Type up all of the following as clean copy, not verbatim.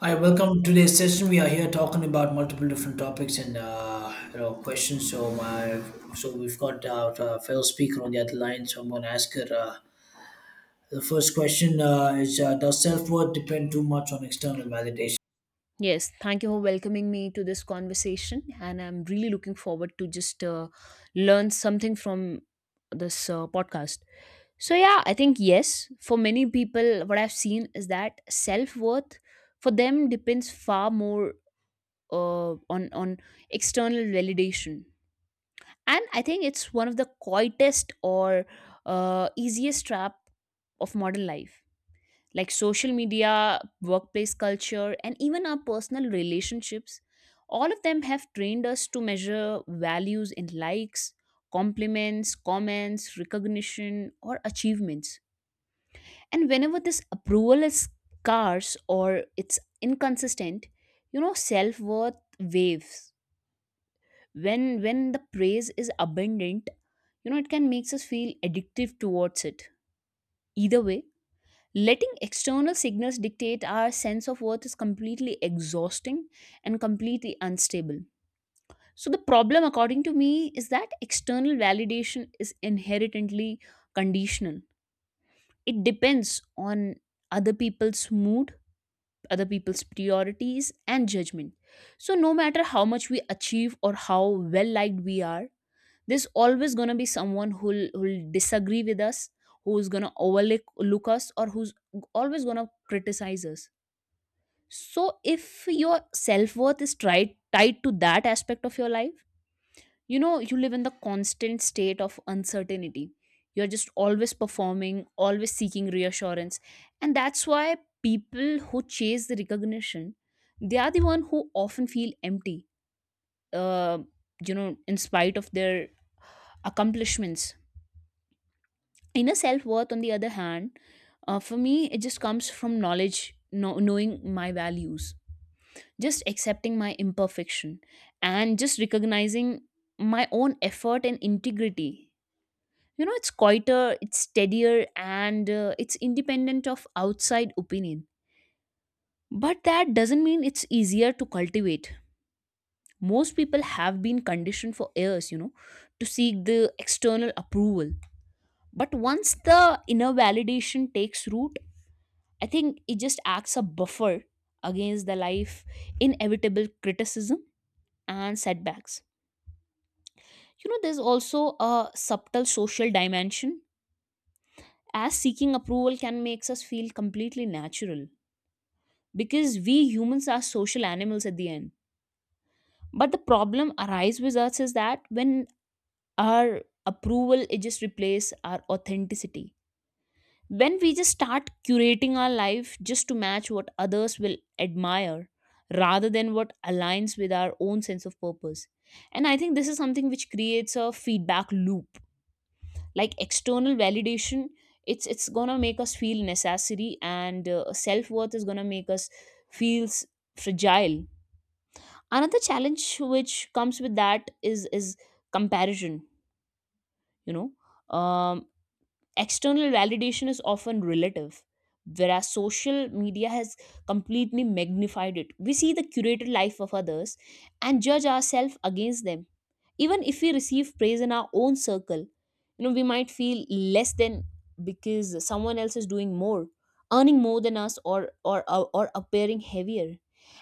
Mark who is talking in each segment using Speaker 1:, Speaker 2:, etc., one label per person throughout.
Speaker 1: Hi, welcome to today's session. We are here talking about multiple different topics and questions. So we've got a fellow speaker on the other line. So I'm going to ask her. The first question is: Does self worth depend too much on external validation?
Speaker 2: Yes, thank you for welcoming me to this conversation, and I'm really looking forward to just learn something from this podcast. So yeah, I think yes, for many people, what I've seen is that self worth for them depends far more on external validation, and I think it's one of the quietest or easiest trap of modern life like social media, workplace culture, and even our personal relationships, all of them have trained us to measure values in likes, compliments, comments, recognition, or achievements. And whenever this approval is scarce or it's inconsistent, you know, self worth waves. When the praise is abundant, you know, it can makes us feel addictive towards it. Either way, letting external signals dictate our sense of worth is completely exhausting and completely unstable. So, the problem, according to me, is that external validation is inherently conditional. It depends on other people's mood, other people's priorities, and judgment. So, no matter how much we achieve or how well liked we are, there's always going to be someone who'll disagree with us, who's going to overlook look us, or who's always going to criticize us. So if your self-worth is tried tied to that aspect of your life, you know, you live in the constant state of uncertainty. You're just always performing, always seeking reassurance. And that's why people who chase the recognition, they are the one who often feel empty, uh, you know, in spite of their accomplishments. Inner self-worth, on the other hand, for me, it just comes from knowledge, knowing my values, just accepting my imperfection, and just recognizing my own effort and integrity. You know, it's quieter, it's steadier, and it's independent of outside opinion. But that doesn't mean it's easier to cultivate. Most people have been conditioned for years, you know, to seek the external approval. But once the inner validation takes root, I think it just acts a buffer against the life inevitable criticism and setbacks. You know, there's also a subtle social dimension, as seeking approval can make us feel completely natural because we humans are social animals at the end. But the problem arises with us is that when our approval it just replaces our authenticity. When we just start curating our life just to match what others will admire rather than what aligns with our own sense of purpose. And I think this is something which creates a feedback loop, like external validation, it's gonna make us feel necessary, and self-worth is gonna make us feels fragile. Another challenge which comes with that is comparison, you know. um External validation is often relative, whereas social media has completely magnified it. We see the curated life of others and judge ourselves against them. Even if we receive praise in our own circle, you know, we might feel less than because someone else is doing more, earning more than us, or appearing heavier.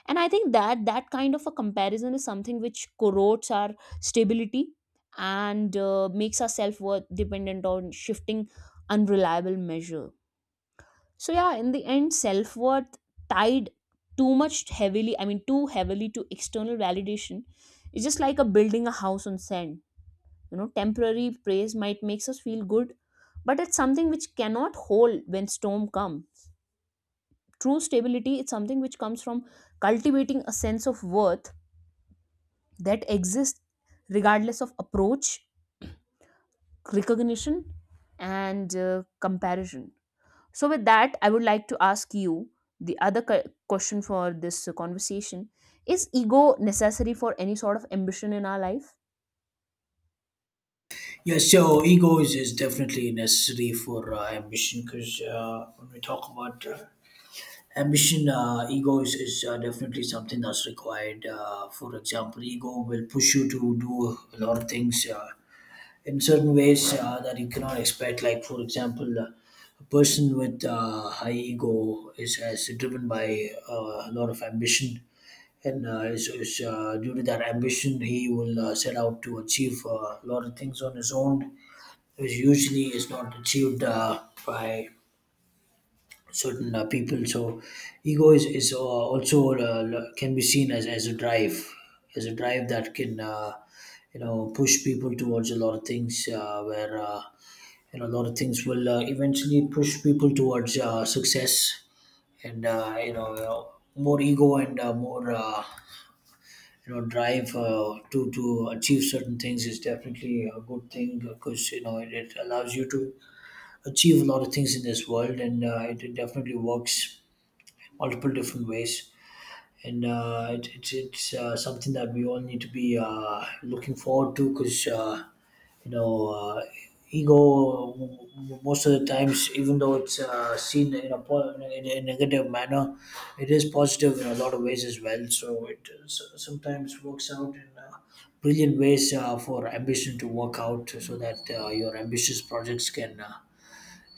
Speaker 2: And I think that that kind of a comparison is something which corrodes our stability and makes our self worth dependent on shifting unreliable measure. So yeah, in the end, self worth tied too much heavily, I mean too heavily to external validation is just like a building a house on sand. You know, temporary praise might makes us feel good, but it's something which cannot hold when storm come. True stability is something which comes from cultivating a sense of worth that exists regardless of approach, recognition, and comparison. So, with that, I would like to ask you the other question for this conversation. Is ego necessary for any sort of ambition in our life?
Speaker 1: Yes. So ego is definitely necessary for ambition because when we talk about ambition, ego is definitely something that's required. For example, ego will push you to do a lot of things. In certain ways that you cannot expect. Like, for example, a person with high ego is driven by a lot of ambition. And due to that ambition, he will set out to achieve a lot of things on his own, which usually is not achieved by certain people. So, ego is also can be seen as a drive, as a drive that can push people towards a lot of things where a lot of things will eventually push people towards success and more ego and more drive to achieve certain things is definitely a good thing because it, it allows you to achieve a lot of things in this world and it, it definitely works multiple different ways and it's something that we all need to be looking forward to because you know uh, ego most of the times, even though it's seen in a, in a negative manner, it is positive in a lot of ways as well. So it sometimes works out in brilliant ways for ambition to work out, so that your ambitious projects can uh,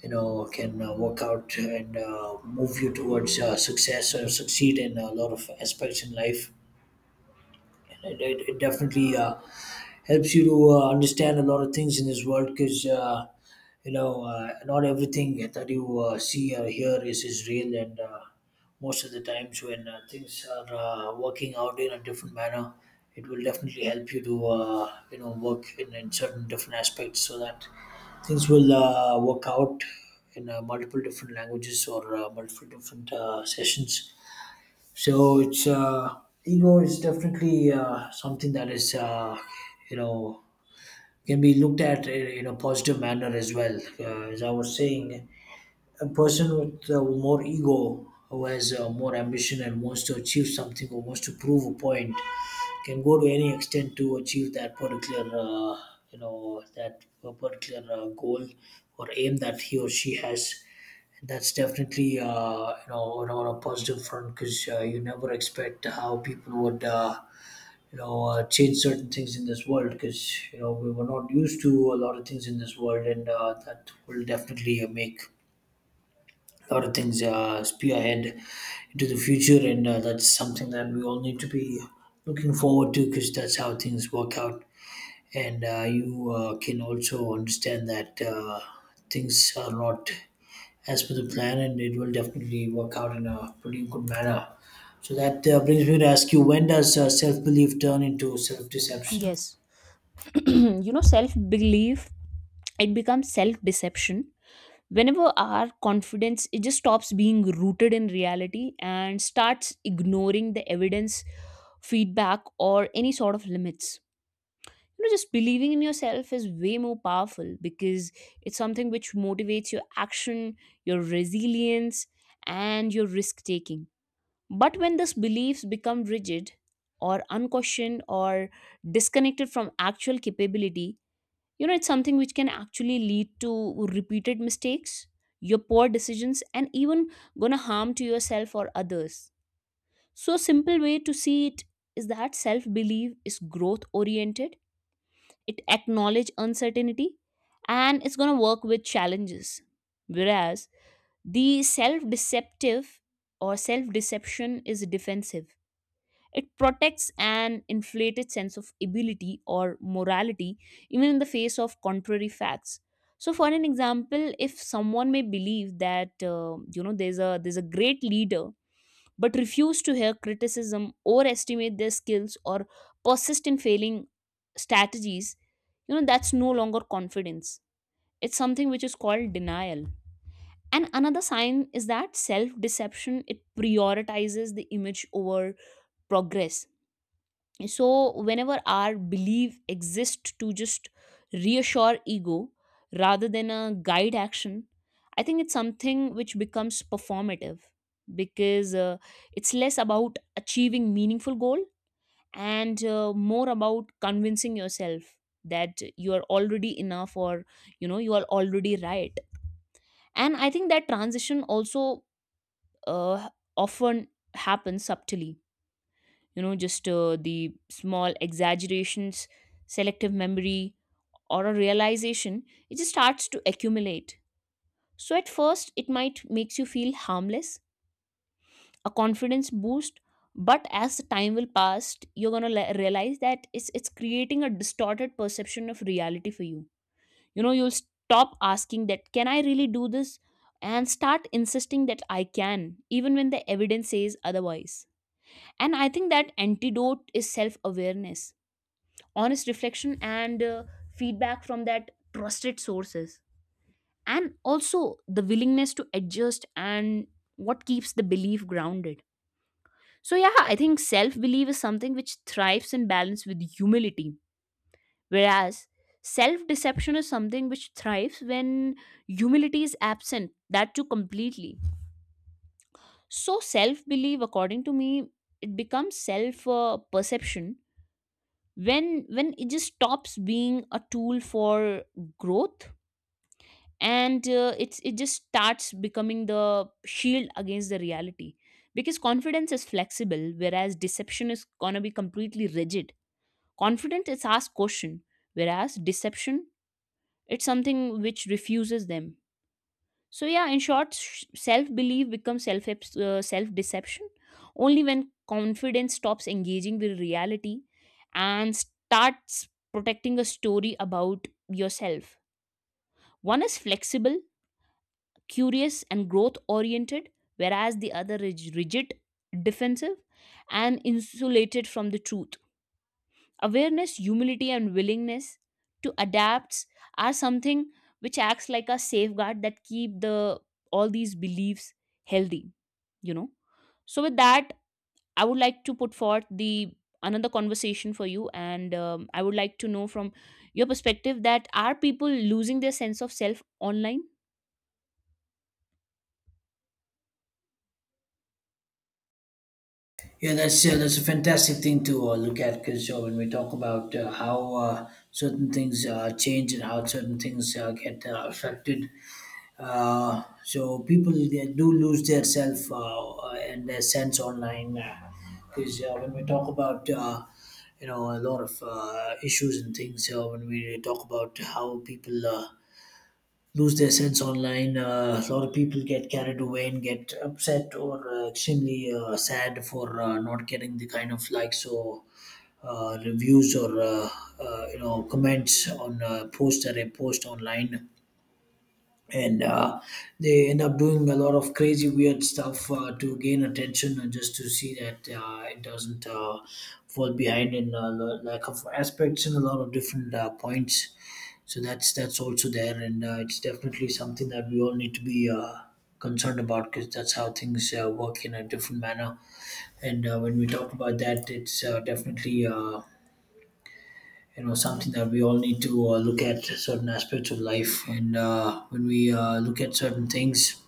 Speaker 1: you know can work out and move you towards success or succeed in a lot of aspects in life. And it definitely helps you to understand a lot of things in this world, because not everything that you see or hear is real. And most of the times when things are working out in a different manner, it will definitely help you to work in certain different aspects, so that things will work out in multiple different languages or multiple different sessions. So it's ego is definitely something that is you know can be looked at in a positive manner as well. As I was saying, a person with more ego, who has more ambition and wants to achieve something or wants to prove a point, can go to any extent to achieve that particular uh, that particular goal or aim that he or she has. And that's definitely on a positive front, because you never expect how people would change certain things in this world, because we were not used to a lot of things in this world. And that will definitely make a lot of things spew ahead into the future, and that's something that we all need to be looking forward to, because that's how things work out. And you can also understand that things are not as per the plan, and it will definitely work out in a pretty good manner. So that brings me to ask you: When does self-belief turn into self-deception?
Speaker 2: Yes. You know, self belief, it becomes self deception. Whenever our confidence, it just stops being rooted in reality and starts ignoring the evidence, feedback, or any sort of limits. You know, just believing in yourself is way more powerful because it's something which motivates your action, your resilience, and your risk taking. But when these beliefs become rigid or unquestioned or disconnected from actual capability, you know, it's something which can actually lead to repeated mistakes, your poor decisions, and even gonna harm to yourself or others. So a simple way to see it is that self belief is growth oriented. It acknowledge uncertainty, and it's going to work with challenges, whereas the self deceptive or self deception is defensive. It protects an inflated sense of ability or morality even in the face of contrary facts. So for an example, if someone may believe that you know, there's a great leader but refuse to hear criticism, overestimate their skills, or persist in failing strategies, you know, that's no longer confidence. It's something which is called denial. And another sign is that self deception it prioritizes the image over progress. So whenever our belief exists to just reassure ego rather than a guide action, I think it's something which becomes performative, because it's less about achieving meaningful goal and more about convincing yourself that you are already enough, or you know, you are already right. And I think that transition also uh, often happens subtly. You know, just the small exaggerations, selective memory, or a realization, it just starts to accumulate. So at first it might makes you feel harmless, a confidence boost, but as the time will pass you're going to realize that it's creating a distorted perception of reality for you. You know, you'll stop asking that can I really do this, and start insisting that I can, even when the evidence says otherwise. And I think that antidote is self awareness, honest reflection, and feedback from that trusted sources. And also the willingness to adjust and what keeps the belief grounded. So, yeah, I think self belief is something which thrives in balance with humility, whereas self deception is something which thrives when humility is absent, that too completely. So, self belief, according to me, it becomes self perception when it just stops being a tool for growth and it's it just starts becoming the shield against the reality. Because confidence is flexible whereas deception is going to be completely rigid. Confidence is asked question, whereas deception it's something which refuses them. So yeah, in short, self belief becomes self deception only when confidence stops engaging with reality and starts protecting a story about yourself. One is flexible, curious, and growth oriented, whereas the other is rigid, defensive, and insulated from the truth. Awareness, humility, and willingness to adapt are something which acts like a safeguard that keep the all these beliefs healthy. You know. So with that, I would like to put forth the another conversation for you, and I would like to know from your perspective that are people losing their sense of self online?
Speaker 1: Yeah, that's a fantastic thing to look at, because when we talk about how certain things change and how certain things get affected, so people, they do lose their self and their sense online because when we talk about a lot of issues and things when we talk about how people lose their sense online. A lot of people get carried away and get upset or extremely sad for not getting the kind of likes or reviews or comments on posts that they post online. And they end up doing a lot of crazy weird stuff to gain attention and just to see that it doesn't fall behind in a lack of aspects and a lot of different points. So that's also there. And it's definitely something that we all need to be concerned about, because that's how things work in a different manner. And when we talk about that, it's definitely something that we all need to look at certain aspects of life. And when we look at certain things,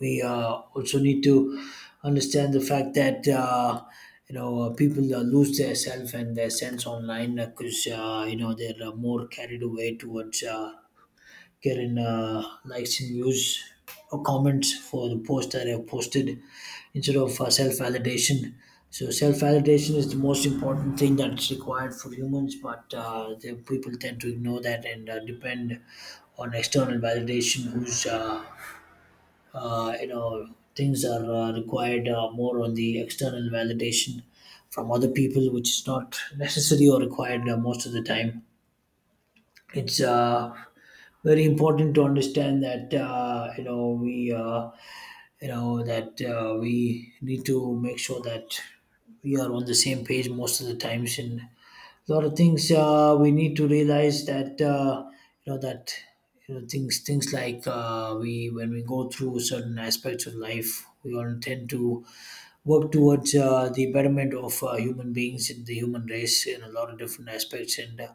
Speaker 1: we also need to understand the fact that people lose their self and their sense online, because they're more carried away towards getting likes and views or comments for the post that I've posted, instead of self validation. So, self validation is the most important thing that's required for humans, but the people tend to ignore that and depend on external validation, whose uh, you know things are required more on the external validation from other people, which is not necessary or required most of the time. It's very important to understand that we you know that we need to make sure that we are on the same page most of the times, and a lot of things we need to realize that you know that things like we, when we go through certain aspects of life, we all tend to work towards the betterment of human beings and the human race in a lot of different aspects. And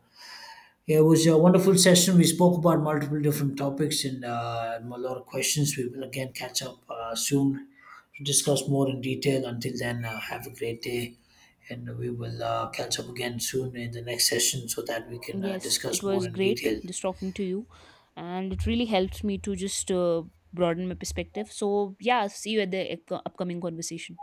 Speaker 1: yeah, it was a wonderful session. We spoke about multiple different topics and a lot of questions. We will again catch up soon to discuss more in detail. Until then, have a great day, and we will catch up again soon in the next session, so that we can
Speaker 2: Yes, it
Speaker 1: discuss more
Speaker 2: was
Speaker 1: in
Speaker 2: great
Speaker 1: detail.
Speaker 2: just talking to you, and it really helped me to just broaden my perspective. So yeah, see you at the upcoming conversation.